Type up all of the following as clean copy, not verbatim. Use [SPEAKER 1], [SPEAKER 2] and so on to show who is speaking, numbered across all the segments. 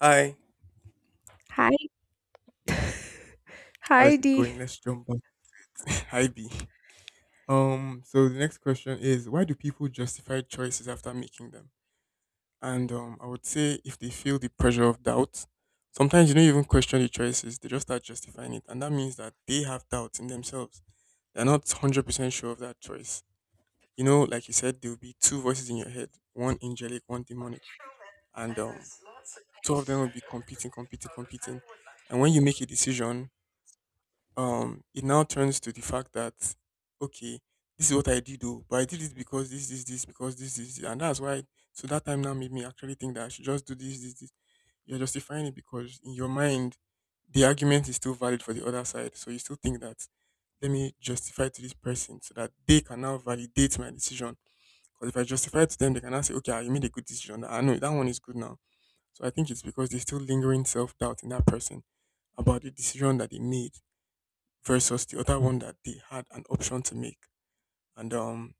[SPEAKER 1] Hi,
[SPEAKER 2] Hi.
[SPEAKER 1] how
[SPEAKER 2] Hi,
[SPEAKER 1] is it
[SPEAKER 2] Dee.
[SPEAKER 1] going? Let's jump back. Hi B. So the next question is why do people justify choices after making them? And I would say if they feel the pressure of doubt, sometimes you don't even question the choices; they just start justifying it, and that means that they have doubts in themselves. They're not 100% sure of that choice. You know, like you said, there will be two voices in your head: one angelic, one demonic, and two of them will be competing, competing, competing. And when you make a decision, it now turns to the fact that okay, this is what I did though, but I did it because this, because this, and that's why. So that time now made me actually think that I should just do this, this, this. You're justifying it because in your mind, the argument is still valid for the other side. So you still think that let me justify to this person so that they can now validate my decision. Because if I justify to them, they can now say, okay, ah, you made a good decision. I know that one is good now. So I think it's because there's still lingering self doubt in that person about the decision that they made versus the other one that they had an option to make. And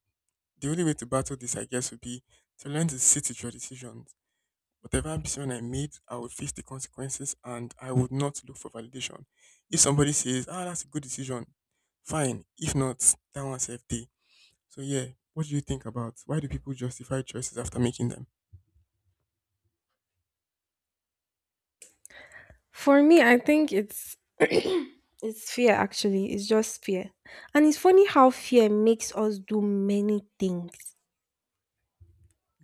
[SPEAKER 1] the only way to battle this, I guess, would be to learn to sit with your decisions. Whatever decision I made, I would face the consequences and I would not look for validation. If somebody says, ah, that's a good decision, fine. If not, that one's FD. So, yeah, what do you think about why do people justify choices after making them?
[SPEAKER 2] For me, I think it's it's fear actually. It's just fear. And it's funny how fear makes us do many things.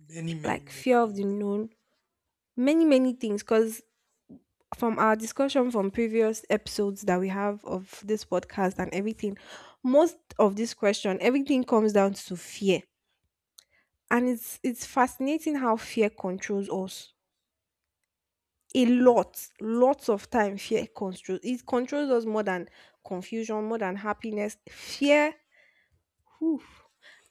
[SPEAKER 1] Many, many,
[SPEAKER 2] Like
[SPEAKER 1] many
[SPEAKER 2] fear of the
[SPEAKER 1] things.
[SPEAKER 2] known, many, many things. Cause from our discussion from previous episodes that we have of this podcast and everything, most of this question, everything comes down to fear. And it's fascinating how fear controls us. A
[SPEAKER 1] Very-
[SPEAKER 2] lot, lots of time fear controls. It controls us more than confusion, more than happiness. Fear, whew.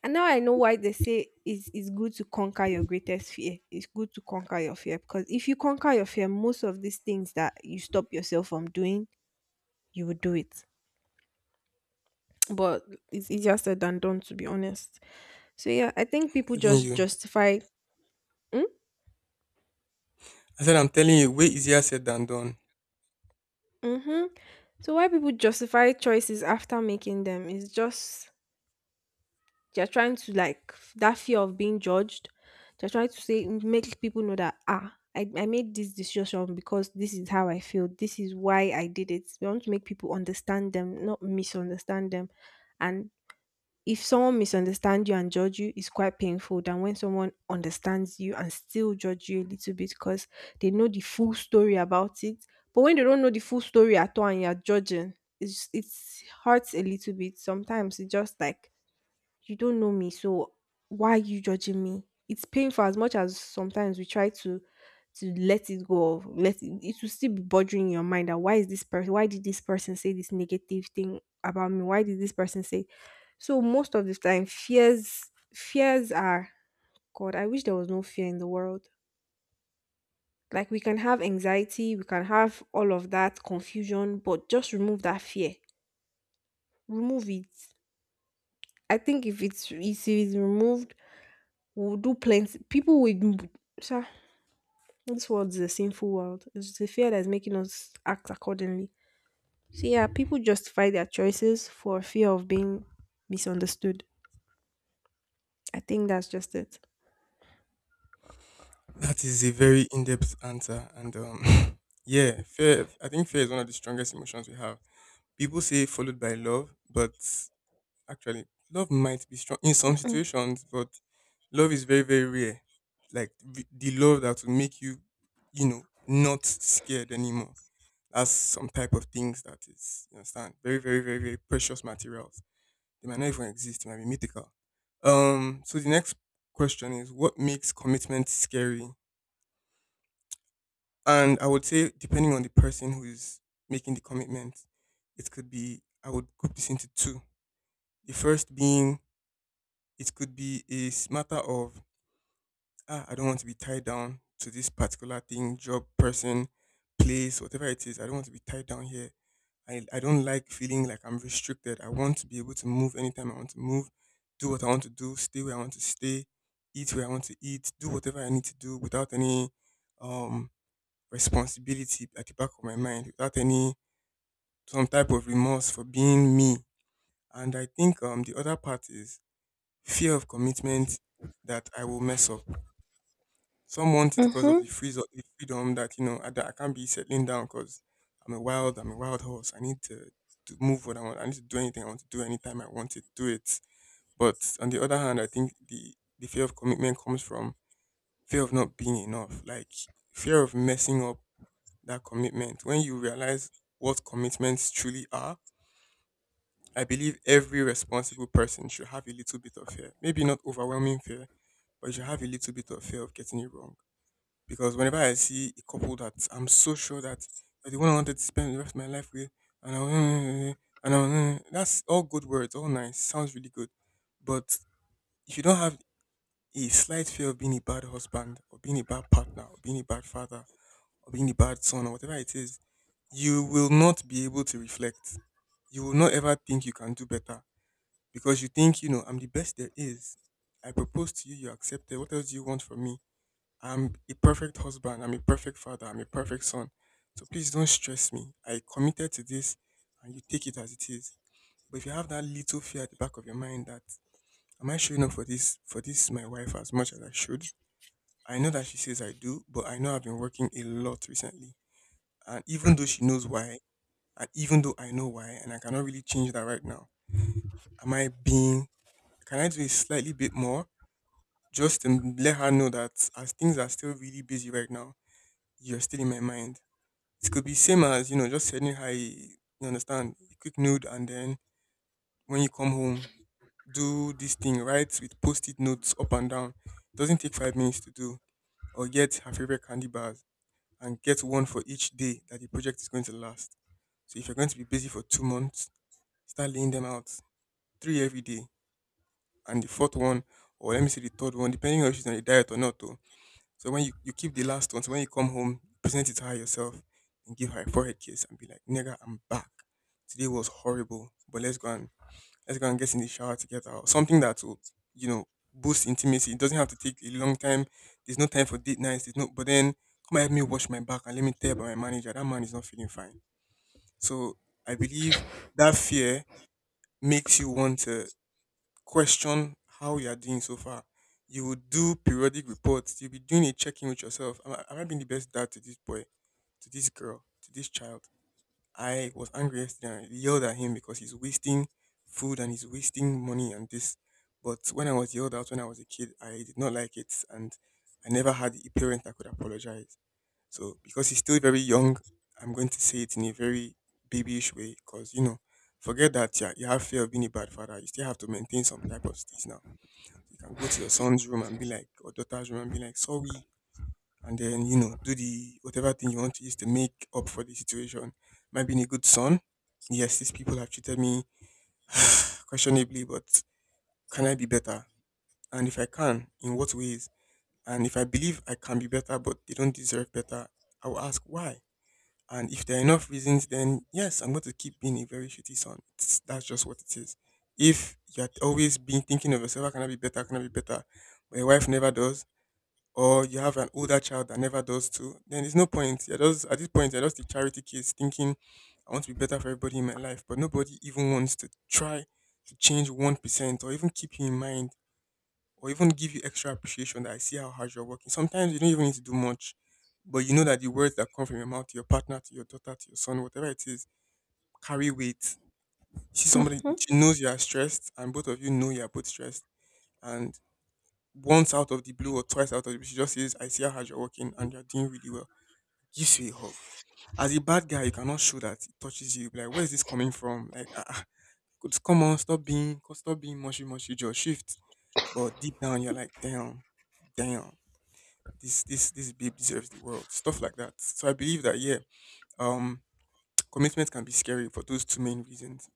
[SPEAKER 2] And now I know why they say it's good to conquer your greatest fear. It's good to conquer your fear, because if you conquer your fear, most of these things that you stop yourself from doing, you will do it. But it's easier said than done, to be honest. So yeah, I think
[SPEAKER 1] I'm
[SPEAKER 2] people
[SPEAKER 1] telling
[SPEAKER 2] just
[SPEAKER 1] you.
[SPEAKER 2] justify. mm,
[SPEAKER 1] I said, I'm telling you, way easier said than done.
[SPEAKER 2] mm-hmm. So why people justify choices after making them is just they're trying to, like, that fear of being judged. They're trying to say, make people know that, ah, I made this decision because this is how I feel. This is why I did it. We want to make people understand them, not misunderstand them. And if someone misunderstands you and judge you, it's quite painful than when someone understands you and still judge you a little bit, because they know the full story about it. But when they don't know the full story at all and you're judging, it's hurts a little bit. Sometimes it just like, you don't know me, so why are you judging me? It's painful. As much as sometimes we try to let it go of let it, it will still be bothering your mind that, why is this person, why did this person say this negative thing about me, why did this person say. So most of the time, fears, fears are, God, I wish there was no fear in the world. Like, we can have anxiety, we can have all of that confusion, but just remove that fear. Remove it. I think if it's removed, we'll do plenty. People with sha, this world is a sinful world. It's the fear that's making us act accordingly. So yeah, people justify their choices for fear of being misunderstood. I think that's just it.
[SPEAKER 1] That is a very in-depth answer, and yeah, fear. I think fear is one of the strongest emotions we have. People say followed by love, but actually, love might be strong in some situations, but love is very, very rare. Like the love that will make you, you know, not scared anymore. That's some type of things that is, you understand, very, very, very, very precious materials. They might not even exist. They might be mythical. So the next question is, what makes commitment scary? And I would say, depending on the person who is making the commitment, it could be, I would group this into two. The first being, it could be a matter of, ah, I don't want to be tied down to this particular thing, job, person, place, whatever it is. I don't want to be tied down here. I don't like feeling like I'm restricted. I want to be able to move anytime I want to move, do what I want to do, stay where I want to stay, eat where I want to eat, do whatever I need to do without any um responsibility at the back of my mind without any some type of remorse for being me. And I think the other part is fear of commitment that I will mess up. Some want it because of the
[SPEAKER 2] Mm-hmm.
[SPEAKER 1] freeze the freedom that you know that I can't be settling down because I'm a wild horse. I need to move what I want. I need to do anything I want to do anytime I want to do it. But on the other hand, I think the fear of commitment comes from fear of not being enough, like fear of messing up that commitment. When you realize what commitments truly are, I believe every responsible person should have a little bit of fear. Maybe not overwhelming fear, but you should have a little bit of fear of getting it wrong. Because whenever I see a couple that I'm so sure that you're the one I wanted to spend the rest of my life with, and I, and I, that's all good words, all nice, sounds really good. But if you don't have a slight fear of being a bad husband, or being a bad partner, or being a bad father, or being the bad son or whatever it is, you will not be able to reflect. You will not ever think you can do better because you think, you know, I'm the best there is. I proposed to you, you accepted. What else do you want from me? I'm a perfect husband. I'm a perfect father. I'm a perfect son. So please don't stress me. I committed to this and you take it as it is. But if you have that little fear at the back of your mind that am I showing up for this my wife as much as I should? I know that she says I do, but I know I've been working a lot recently. And even though she knows why, and even though I know why, and I cannot really change that right now, am I being, can I do a slightly bit more just to let her know that as things are still really busy right now, you're still in my mind? It could be same as, you know, just sending her, a, you understand, a quick nude and then when you come home, do this thing, right? With post it notes up and down. It doesn't take 5 minutes to do, or get her favorite candy bars and get one for each day that the project is going to last. So if you're going to be busy for 2 months, start laying them out three every day, and the fourth one, or let me say the third one, depending on if she's on a diet or not. Though. So when you keep the last one, so when you come home, present it to her yourself and give her a forehead kiss and be like, "Nigga, I'm back. Today was horrible, but let's go and get in the shower together." Or something that will, you know, boost intimacy. It doesn't have to take a long time. There's no time for date nights. There's no. But then come and help me wash my back and let me tell you about my manager. That man is not feeling fine. So I believe that fear makes you want to question how you are doing so far. You will do periodic reports. You'll be doing a check in with yourself. Am I being the best dad to this boy, to this girl, to this child? I was angry yesterday and I yelled at him because he's wasting food and he's wasting money and this. But when I was yelled at when I was a kid, I did not like it and I never had a parent that could apologize. So because he's still very young, I'm going to say it in a very babyish way because you know, forget that yeah, you have fear of being a bad father. You still have to maintain some type of steez now. You can go to your son's room and be like, or daughter's room and be like, sorry, and then you know, do the whatever thing you want to use to make up for the situation. Am I being a good son? Yes, these people have treated me questionably, but can I be better? And if I can, in what ways? And if I believe I can be better, but they don't deserve better, I will ask why and if there are enough reasons, then yes, I'm going to keep being a very shitty son. It's, that's just what it is. If you're always being thinking of yourself, how can I be better? How can I be better? But your wife never does, or you have an older child that never does too, then there's no point. You're just, at this point, you're just the charity case thinking, I want to be better for everybody in my life. But nobody even wants to try to change 1% or even keep you in mind or even give you extra appreciation that I see how hard you're working. Sometimes you don't even need to do much, but you know that the words that come from your mouth to your partner, to your daughter, to your son, whatever it is, carry weight. You see somebody, she knows you are stressed, and both of you know you are both stressed. And once out of the blue or twice out of the blue, she just says, I see how hard you're working and you're doing really well. Gives you a hug. As a bad guy, you cannot show that it touches you. Be like, where is this coming from? Like, come on, stop being mushy mushy, just shift. But deep down, you're like, damn. This babe deserves the world, stuff like that. So I believe that yeah, um, commitment can be scary for those two main reasons.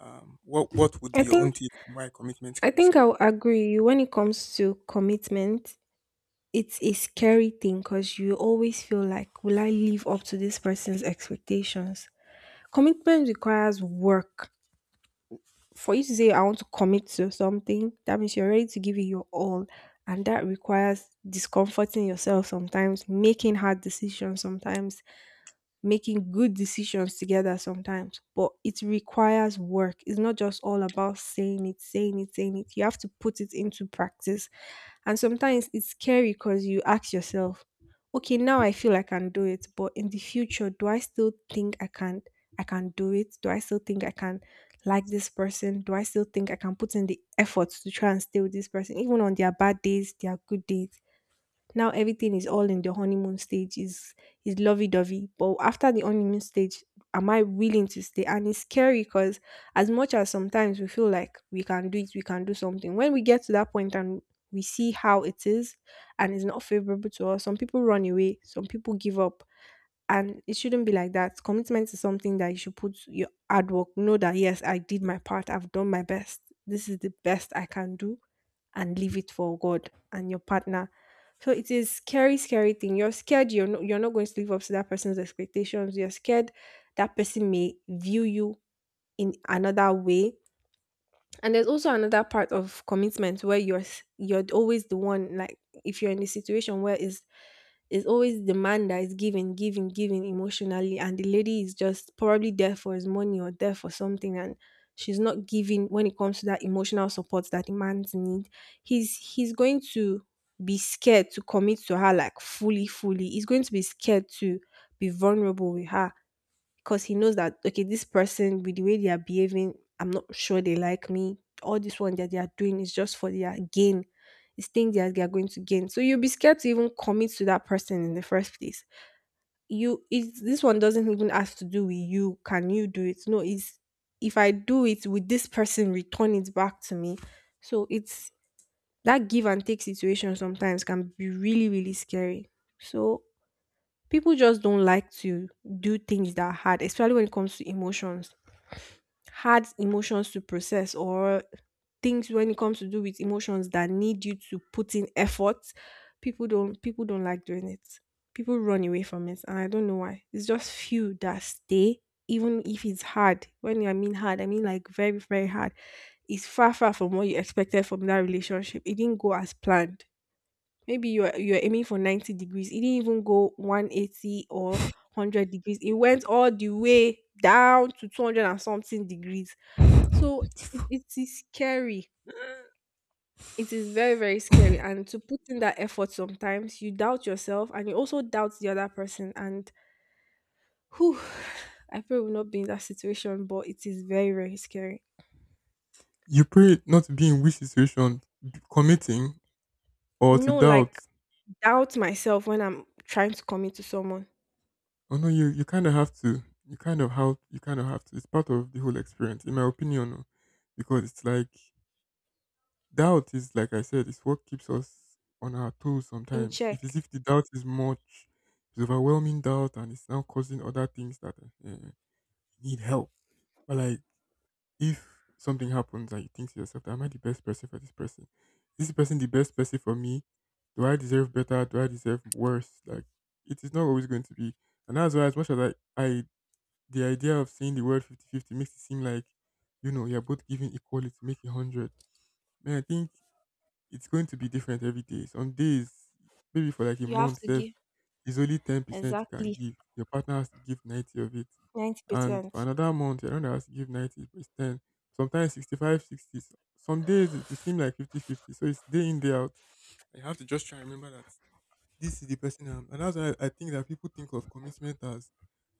[SPEAKER 1] What would
[SPEAKER 2] I
[SPEAKER 1] be your own
[SPEAKER 2] think
[SPEAKER 1] take on why commitment can be scary?
[SPEAKER 2] I'll agree. When it comes to commitment, it's a scary thing because you always feel like, will I live up to this person's expectations? Commitment requires work. For you to say I want to commit to something, that means you're ready to give it your all. And that requires discomforting yourself sometimes, making hard decisions sometimes, making good decisions together sometimes, but it requires work. It's not just all about saying it, saying it, saying it. You have to put it into practice. And sometimes it's scary because you ask yourself, okay, now I feel I can do it, but in the future, do I still think I can do it? Do I still think I can like this person? Do I still think I can put in the effort to try and stay with this person, even on their bad days, their good days? Now everything is all in the honeymoon stage is lovey-dovey, but after the honeymoon stage, am I willing to stay? And it's scary because as much as sometimes we feel like we can do it, we can do something, when we get to that point and we see how it is and it's not favorable to us, some people run away, some people give up. And it shouldn't be like that. Commitment is something that you should put your hard work, know that, yes, I did my part, I've done my best. This is the best I can do, and leave it for God and your partner. So it is scary, scary thing. You're scared you're not going to live up to that person's expectations. You're scared that person may view you in another way. And there's also another part of commitment where you're you're always the one, like, if you're in a situation where it's always the man that is giving, giving, giving emotionally, and the lady is just probably there for his money or there for something, and she's not giving when it comes to that emotional support that the man's need. He's going to be scared to commit to her like fully, fully. He's going to be scared to be vulnerable with her because he knows that, okay, this person with the way they are behaving, I'm not sure they like me. All this one that they are doing is just for their gain. It's things that they are going to gain. So you'll be scared to even commit to that person in the first place. You it's, this one doesn't even ask to do with you. Can you do it? No, it's, if I do it with this person, return it back to me. So it's that give and take situation sometimes can be really, really scary. So people just don't like to do things that are hard, especially when it comes to emotions, hard emotions to process, or things when it comes to do with emotions that need you to put in effort. People don't like doing it. People run away from it, and I don't know why. It's just few that stay, even if it's hard. When I mean hard, I mean like very, very hard. It's far from what you expected from that relationship. It didn't go as planned. Maybe you're aiming for 90 degrees, it didn't even go 180, or 100 degrees, it went all the way down to 200 and something degrees. So it is scary. It is very, very scary. And to put in that effort sometimes, you doubt yourself and you also doubt the other person. And whew, I pray we'll not be in that situation, but it is very, very scary.
[SPEAKER 1] You pray not to be in which situation, committing or to
[SPEAKER 2] No,
[SPEAKER 1] doubt?
[SPEAKER 2] like, doubt myself when I'm trying to commit to someone.
[SPEAKER 1] Oh no, you kind of have to. You kind of have to. It's part of the whole experience, in my opinion. Oh, because it's like doubt is, like I said, it's what keeps us on our toes
[SPEAKER 2] In
[SPEAKER 1] sometimes.
[SPEAKER 2] check,
[SPEAKER 1] If the doubt is much, it's overwhelming doubt and it's now causing other things that need help. But like, if something happens and you think to yourself, am I the best person for this person? Is this person the best person for me? Do I deserve better? Do I deserve worse? Like, it is not always going to be. And that's why, as much as I the idea of saying the word fifty-fifty makes it seem like, you know, you're both giving equality, make it 100. Man, I think it's going to be different every day. Some days, maybe for like a
[SPEAKER 2] you have
[SPEAKER 1] month,
[SPEAKER 2] to
[SPEAKER 1] if
[SPEAKER 2] give
[SPEAKER 1] it's only 10% you can
[SPEAKER 2] exactly
[SPEAKER 1] give. Your partner has to give 90 of it, and for
[SPEAKER 2] 90%.
[SPEAKER 1] another month, your partner has to give 90, but it's ten. Sometimes 65, sixty. 60. Some days it will seem like fifty-fifty. So it's day in, day out. I have to just try and remember that this is the person I am. And that's why I think that people think of commitment as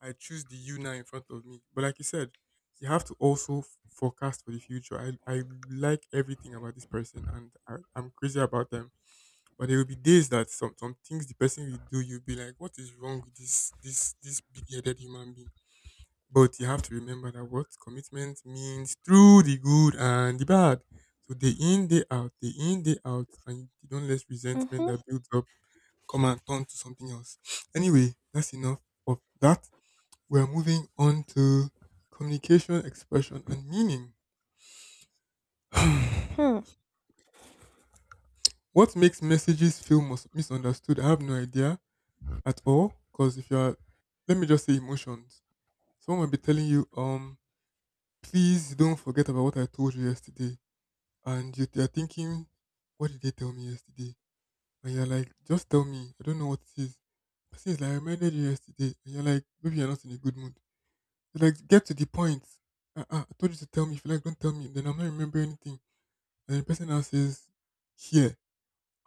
[SPEAKER 1] I choose the you now in front of me. But like you said, you have to also forecast for the future. I like everything about this person and I'm crazy about them. But there will be days that some things the person will do, you'll be like, what is wrong with this big headed human being? But you have to remember that what commitment means through the good and the bad. So day in, day out, and you don't let resentment
[SPEAKER 2] Mm-hmm.
[SPEAKER 1] that builds up come and turn to something else. Anyway, that's enough of that. We're moving on to communication, expression, and meaning.
[SPEAKER 2] Hmm.
[SPEAKER 1] What makes messages feel misunderstood? I have no idea at all. Because if you're, let me just say emotions. Someone might be telling you, please don't forget about what I told you yesterday. And you're thinking, what did they tell me yesterday? And you're like, just tell me. I don't know what it is. Person is like, I reminded you yesterday. And you're like, maybe you're not in a good mood. They're like, get to the point. I told you to tell me. If you like, don't tell me. Then I'm not remembering anything. And the person now says, here.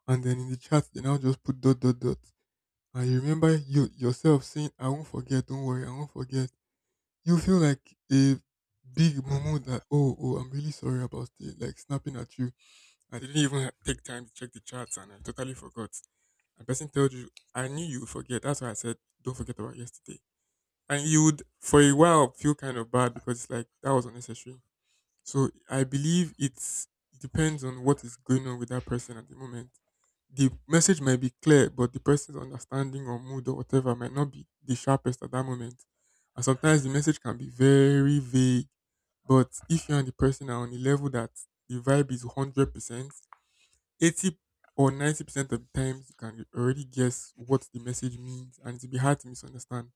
[SPEAKER 1] And then in the chat, they now just put dot, dot, dot. And you remember you yourself saying, I won't forget. Don't worry. I won't forget. You feel like a big mumu that, oh, I'm really sorry about it. Like, snapping at you. I didn't even take time to check the chats and I totally forgot. A person told you, I knew you would forget. That's why I said, don't forget about yesterday, and you would for a while feel kind of bad because it's like that was unnecessary. So I believe it's depends on what is going on with that person at the moment. The message might be clear, but the person's understanding or mood or whatever might not be the sharpest at that moment. And sometimes the message can be very vague. But if you and the person are on a level that the vibe is 100%, 80 or 90% of the times you can already guess what the message means and it'll be hard to misunderstand.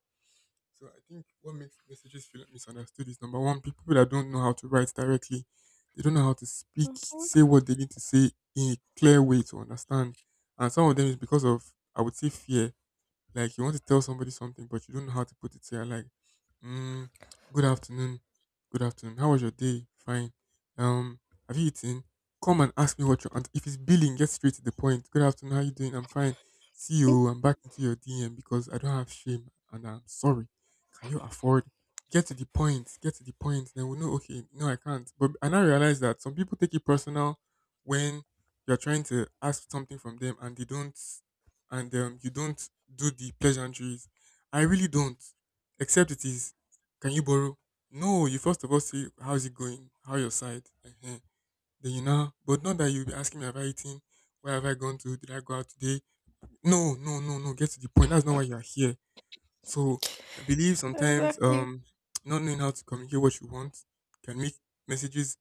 [SPEAKER 1] So I think what makes messages feel misunderstood is, number one, people that don't know how to write directly, they don't know how to speak,
[SPEAKER 2] Mm-hmm.
[SPEAKER 1] say what they need to say in a clear way to understand. And some of them is because of, I would say, fear. Like, you want to tell somebody something, but you don't know how to put it. So you're like, mm, "Good afternoon, good afternoon. How was your day? Fine. Um, have you eaten? Come and ask me what you're." And if it's billing, get straight to the point. Good afternoon. How you doing? I'm fine. See you. I'm back into your DM because I don't have shame and I'm sorry. Can you afford? Get to the point. Get to the point. Then we know. Okay, no, I can't. But I now realize that some people take it personal when you're trying to ask something from them and they don't and you don't do the pleasantries. I really don't. Except it is, can you borrow? No, you first of all say, how's it going? How your side? Then you know, but not that you'll be asking me, have I eaten? Where have I gone to? Did I go out today? No, no, no, no. Get to the point. That's not why you're here. So I believe sometimes
[SPEAKER 2] Exactly.
[SPEAKER 1] not knowing how to communicate what you want can make messages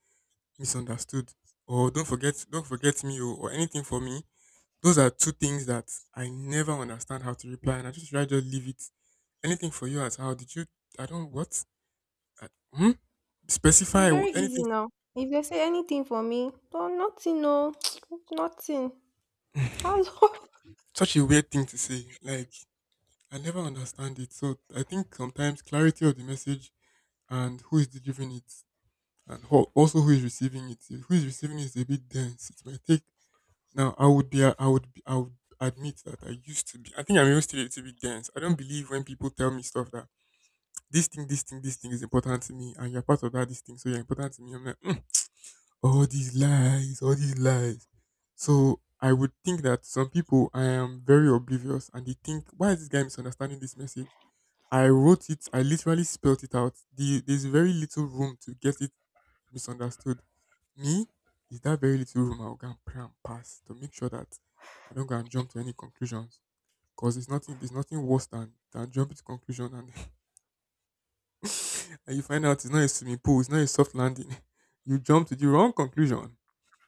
[SPEAKER 1] misunderstood. Or don't forget me or anything for me. Those are two things that I never understand how to reply, and I just rather just leave it. Anything for you as how did you? I don't what? Hmm?
[SPEAKER 2] It's
[SPEAKER 1] Specify
[SPEAKER 2] very easy
[SPEAKER 1] anything.
[SPEAKER 2] now. If they say anything for me, no, nothing, no, nothing. Hello.
[SPEAKER 1] Such a weird thing to say. Like, I never understand it. So I think sometimes clarity of the message and who is delivering it, and who, also who is receiving it. If who is receiving it is a bit dense, it might take. Now I would be. I would. Be, I would admit that I used to be. I think I'm even still a little bit dense. I don't believe when people tell me stuff that this thing is important to me, and you're part of that. This thing, so you're important to me. I'm like, "Mm, all these lies, all these lies." So I would think that some people I am very oblivious and they think, why is this guy misunderstanding this message? I wrote it, I literally spelled it out. There's very little room to get it misunderstood. Me is that very little room I'll go and pray and pass to make sure that I don't go and jump to any conclusions. Because it's nothing, there's nothing worse than jumping to conclusion and, and you find out it's not a swimming pool, it's not a soft landing. You jump to the wrong conclusion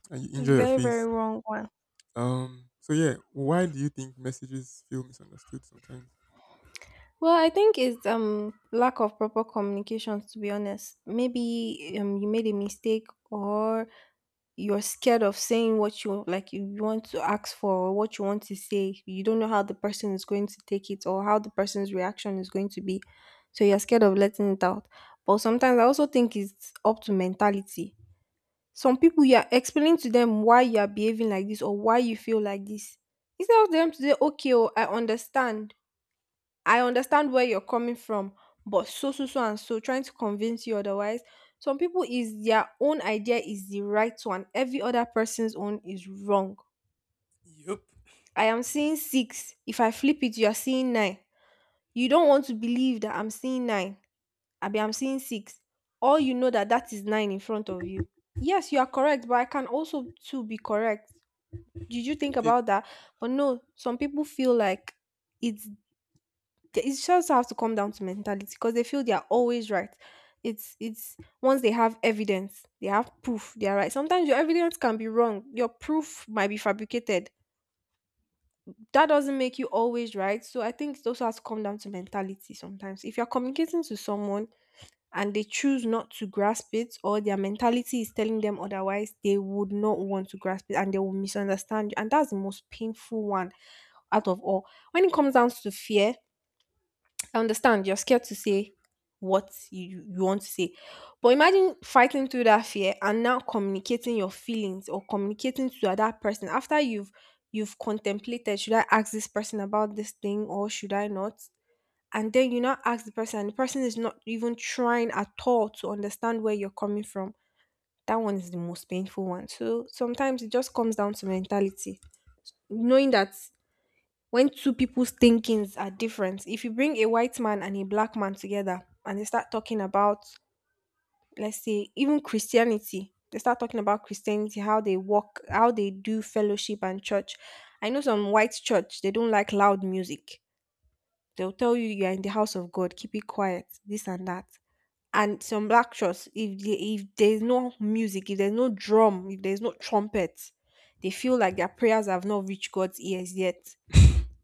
[SPEAKER 1] and you
[SPEAKER 2] The
[SPEAKER 1] injure your
[SPEAKER 2] very, very
[SPEAKER 1] face.
[SPEAKER 2] wrong one.
[SPEAKER 1] So yeah, why do you think messages feel misunderstood sometimes?
[SPEAKER 2] Well, I think it's lack of proper communications, to be honest. Maybe you made a mistake, or you're scared of saying what you like you want to ask for or what you want to say. You don't know how the person is going to take it or how the person's reaction is going to be. So you're scared of letting it out. But sometimes I also think it's up to mentality. Some people you are explaining to them why you are behaving like this or why you feel like this. Instead of them to say, okay, oh, I understand where you're coming from, but so, so, so, and so, trying to convince you otherwise. Some people is their own idea is the right one, every other person's own is wrong.
[SPEAKER 1] Yep.
[SPEAKER 2] I am seeing six. If I flip it, you are seeing nine. You don't want to believe that I'm seeing nine. I'm seeing six. Or you know that that is nine in front of you. Yes, you are correct, but I can also too be correct. Did you think
[SPEAKER 1] Pe-
[SPEAKER 2] about that? But no, some people feel like it's It's just have to come down to mentality because they feel they are always right. It's once they have evidence, they have proof, they are right. Sometimes your evidence can be wrong. Your proof might be fabricated. That doesn't make you always right. So I think it also has to come down to mentality sometimes. If you're communicating to someone and they choose not to grasp it, or their mentality is telling them otherwise, they would not want to grasp it and they will misunderstand you. And that's the most painful one out of all. When it comes down to fear, I understand you're scared to say what you want to say. But imagine fighting through that fear and now communicating your feelings or communicating to that person after you've contemplated, should I ask this person about this thing or should I not? And then you now ask the person and the person is not even trying at all to understand where you're coming from. That one is the most painful one. So sometimes it just comes down to mentality. Knowing that when two people's thinkings are different, if you bring a white man and a black man together and they start talking about, let's say, even Christianity, they start talking about Christianity, how they walk, how they do fellowship and church. I know some white church, they don't like loud music. They'll tell you you are in the house of God, keep it quiet, this and that. And some black church, if there's no music, if there's no drum, if there's no trumpet, they feel like their prayers have not reached God's ears yet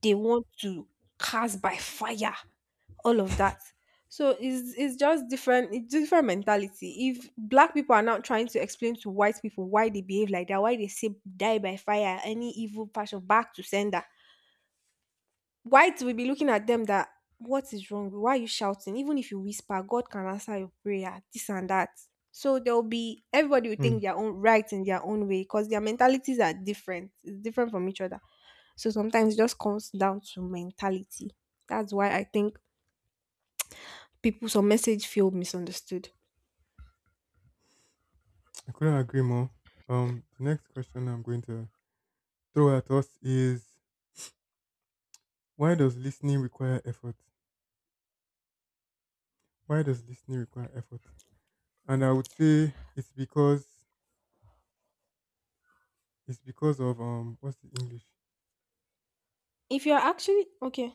[SPEAKER 2] they want to cast by fire, all of that. So it's just different, it's different mentality. If black people are now trying to explain to white people why they behave like that, why they say die by fire, any evil passion back to sender, white will be looking at them that what is wrong? Why are you shouting? Even if you whisper, God can answer your prayer, this and that. So there'll be everybody will
[SPEAKER 1] Hmm,
[SPEAKER 2] think their own right in their own way because their mentalities are different. It's different from each other. So sometimes it just comes down to mentality. That's why I think people some message feel misunderstood.
[SPEAKER 1] I couldn't agree more. The next question I'm going to throw at us is, why does listening require effort? Why does listening require effort? And I would say it's because of what's the English?
[SPEAKER 2] If you're actually okay.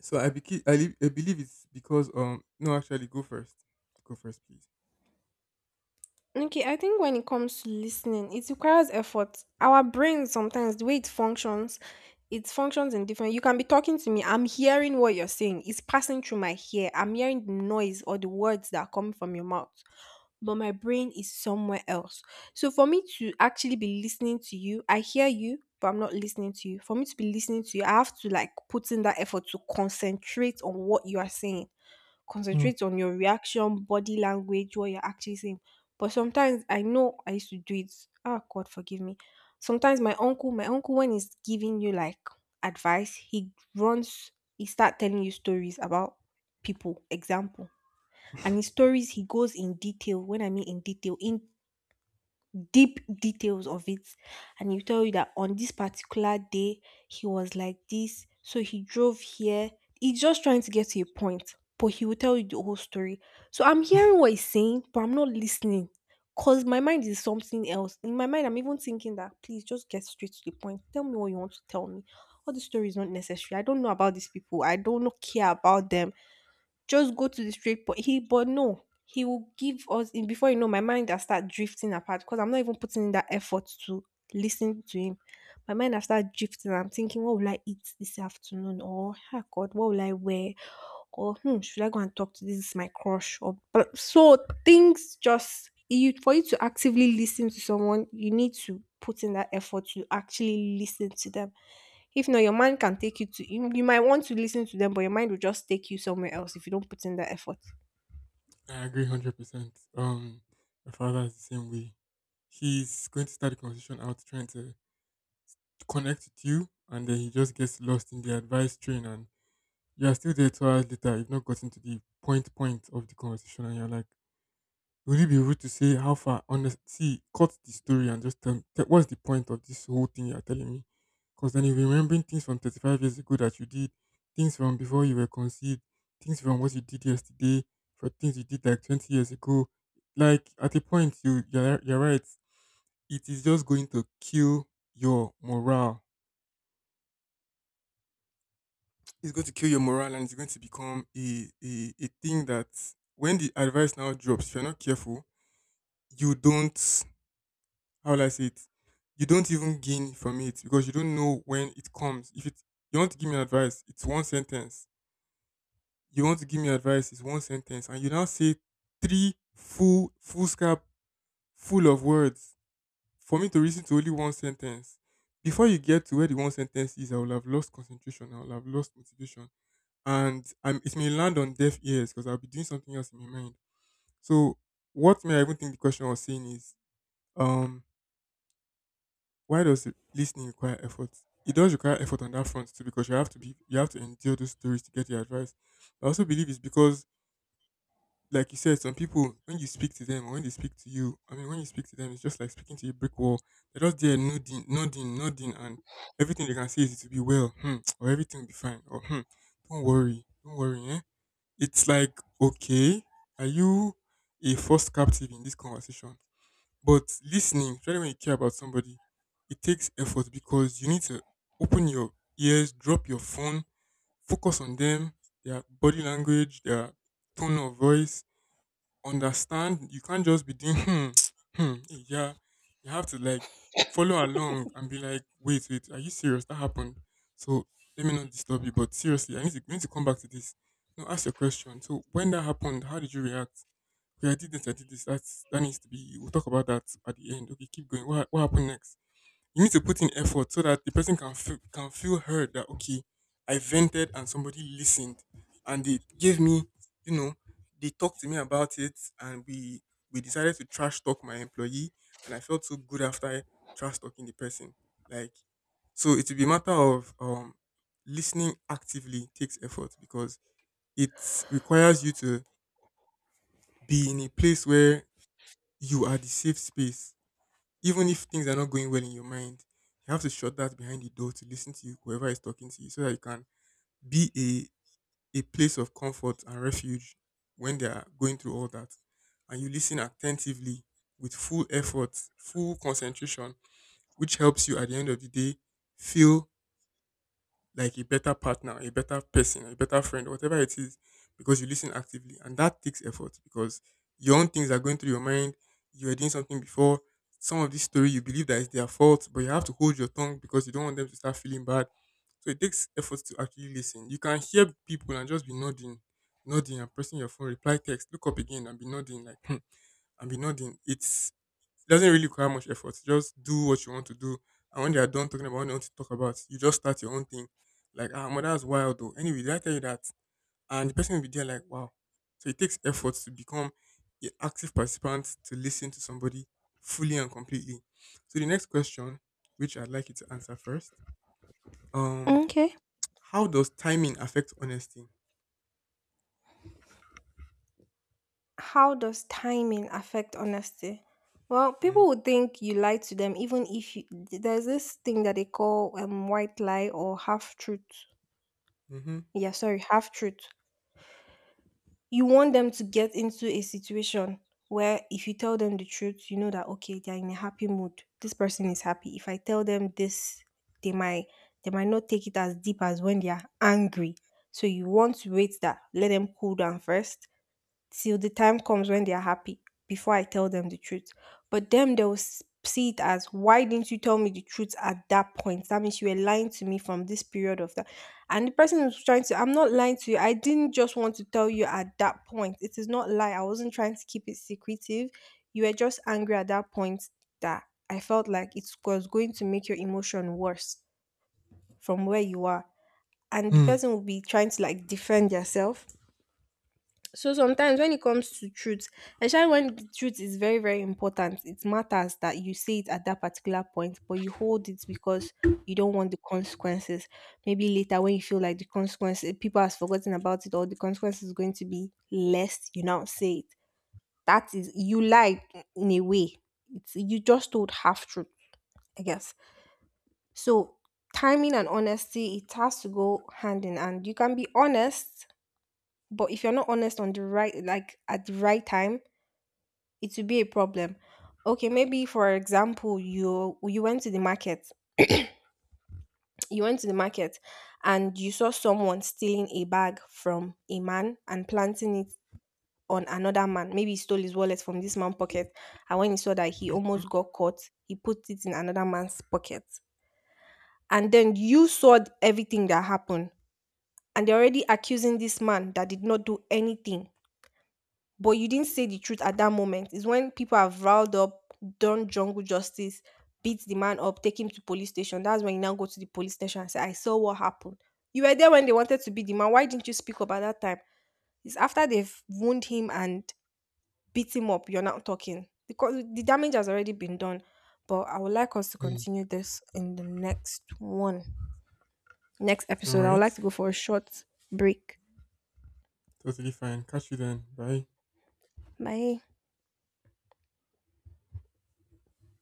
[SPEAKER 1] I believe it's because no, actually go first. Go first, please.
[SPEAKER 2] Okay, I think when it comes to listening, it requires effort. Our brain sometimes the way it functions in different. You can be talking to me, I'm hearing what you're saying. It's passing through my ear. I'm hearing the noise or the words that are coming from your mouth. But my brain is somewhere else. So for me to actually be listening to you, I hear you, but I'm not listening to you. For me to be listening to you, I have to like put in that effort to concentrate on what you are saying,
[SPEAKER 1] Hmm.
[SPEAKER 2] concentrate on your reaction, body language, what you're actually saying. But sometimes I know I used to do it. Ah, God forgive me. Sometimes my uncle, when he's giving you like advice, he runs, he start telling you stories about people. Example, and his stories, he goes in detail. When I mean in detail, in deep details of it, and he'll tell you that on this particular day he was like this, so he drove here, he's just trying to get to a point, but he will tell you the whole story. So I'm hearing what he's saying but I'm not listening, because my mind is something else. In my mind I'm even thinking that, please just get straight to the point, tell me what you want to tell me. All the story is not necessary, I don't know about these people, I don't care about them, just go to the straight point. But no, he will give us in before you know my mind has start drifting apart because I'm not even putting in that effort to listen to him. My mind has start drifting. I'm thinking, what will I eat this afternoon? Or, oh God, what will I wear? Or should I go and talk to, this is my crush, or but so things just you for you to actively listen to someone, you need to put in that effort to actually listen to them. If not, your mind can take you you might want to listen to them, but your mind will just take you somewhere else if you don't put in that effort.
[SPEAKER 1] I agree 100%. My father is the same way. He's going to start the conversation out trying to connect with you, and then he just gets lost in the advice train, and you are still there 2 hours later. You've not gotten to the point of the conversation, and you're like, would it be rude to say how far? Honest, see, cut the story and just tell what's the point of this whole thing you're telling me? Because then you're remembering things from 35 years ago that you did, things from before you were conceived, things from what you did yesterday, for things you did like 20 years ago. Like at a point, you're right. It is just going to kill your morale. It's going to kill your morale, and it's going to become a thing that when the advice now drops, if you're not careful, you don't how will I say it? You don't even gain from it because you don't know when it comes. If it you want to give me advice, it's one sentence. You want to give me advice, it's one sentence, and you now say three full scrap full of words for me to listen to only one sentence. Before you get to where the one sentence is, I will have lost concentration. I will have lost motivation, and it may land on deaf ears because I'll be doing something else in my mind. So, what may I even think the question was saying is, um, why does listening require effort? It does require effort on that front too, because you have to endure those stories to get the advice. I also believe it's because, like you said, some people when you speak to them, or when they speak to you, I mean, when you speak to them, it's just like speaking to a brick wall. They're just there nodding, nodding, nodding, and everything they can say is it will be well, hmm, or everything will be fine, or hmm, don't worry, don't worry. Eh? It's like, okay, are you a forced captive in this conversation? But listening, especially when you care about somebody, it takes effort because you need to open your ears, drop your phone, focus on them, their body language, their tone of voice, understand. You can't just be doing hmm, hmm, eh, yeah. You have to like follow along and be like, wait, wait, are you serious? That happened. So let me not disturb you. But seriously, I need to we need to come back to this. No, ask your question. So when that happened, how did you react? Yeah, I did this. That needs to be, we'll talk about that at the end. Okay, keep going. What happened next? You need to put in effort so that the person can can feel heard that, okay, I vented and somebody listened and they gave me, you know, they talked to me about it we decided to trash talk my employee and I felt so good after trash talking the person. Like, so it will be a matter of listening actively takes effort because it requires you to be in a place where you are the safe space. Even if things are not going well in your mind, you have to shut that behind the door to listen to whoever is talking to you so that you can be a place of comfort and refuge when they are going through all that. And you listen attentively with full effort, full concentration, which helps you at the end of the day feel like a better partner, a better person, a better friend, whatever it is, because you listen actively. And that takes effort because your own things are going through your mind. You were doing something before. Some of this story you believe that it's their fault, but you have to hold your tongue because you don't want them to start feeling bad. So it takes effort to actually listen. You can hear people and just be nodding, nodding and pressing your phone, reply text, look up again and be nodding like hmm, and be nodding. It doesn't really require much effort. Just do what you want to do, and when they are done talking about what they want to talk about, you just start your own thing. Like, ah, mother, that's wild though. Anyway, did I tell you that? And the person will be there like, wow. So it takes effort to become an active participant to listen to somebody fully and completely. So the next question, which I'd like you to answer first, um,
[SPEAKER 2] Okay.
[SPEAKER 1] how does timing affect honesty?
[SPEAKER 2] How does timing affect honesty? Well,
[SPEAKER 1] Mm,
[SPEAKER 2] people would think you lie to them, even if you, there's this thing that they call white lie or half truth.
[SPEAKER 1] mm-hmm.
[SPEAKER 2] Yeah, sorry, half truth. You want them to get into a situation where if you tell them the truth, you know that okay, they're in a happy mood. This person is happy. If I tell them this, they might they might not take it as deep as when they are angry. So you want to wait that, let them cool down first, till the time comes when they are happy before I tell them the truth. But them, they will see it as, why didn't you tell me the truth at that point? That means you were lying to me from this period of that. And the person is trying to, I'm not lying to you. I didn't just want to tell you at that point. It is not lie. I wasn't trying to keep it secretive. You were just angry at that point that I felt like it was going to make your emotion worse from where you are. And the
[SPEAKER 1] Hmm.
[SPEAKER 2] person will be trying to like defend yourself. So sometimes when it comes to truth, especially when the truth is very, very important, it matters that you say it at that particular point, but you hold it because you don't want the consequences. Maybe later when you feel like the consequences people has forgotten about it or the consequence is going to be less, you now say it. That is you lied in a way. It's you just told half truth, I guess. So timing and honesty, it has to go hand in hand. You can be honest, but if you're not honest on the right like at the right time it will be a problem. Okay, maybe for example, you went to the market, and you saw someone stealing a bag from a man and planting it on another man. Maybe he stole his wallet from this man's pocket, and when he saw that he almost got caught, he put it in another man's pocket. And then you saw everything that happened, and they're already accusing this man that did not do anything, but you didn't say the truth at that moment. It's when people have riled up, done jungle justice, beat the man up, take him to police station. That's when you now go to the police station and say, I saw what happened. You were there when they wanted to beat the man. Why didn't you speak up at that time? It's after they've wound him and beat him up, you're not talking. Because the damage has already been done. But I would like us to
[SPEAKER 1] Hmm.
[SPEAKER 2] continue this in the next one. Next
[SPEAKER 1] All
[SPEAKER 2] episode. I would
[SPEAKER 1] right.
[SPEAKER 2] like to go for a short break.
[SPEAKER 1] Totally fine. Catch you then. Bye.
[SPEAKER 2] Bye.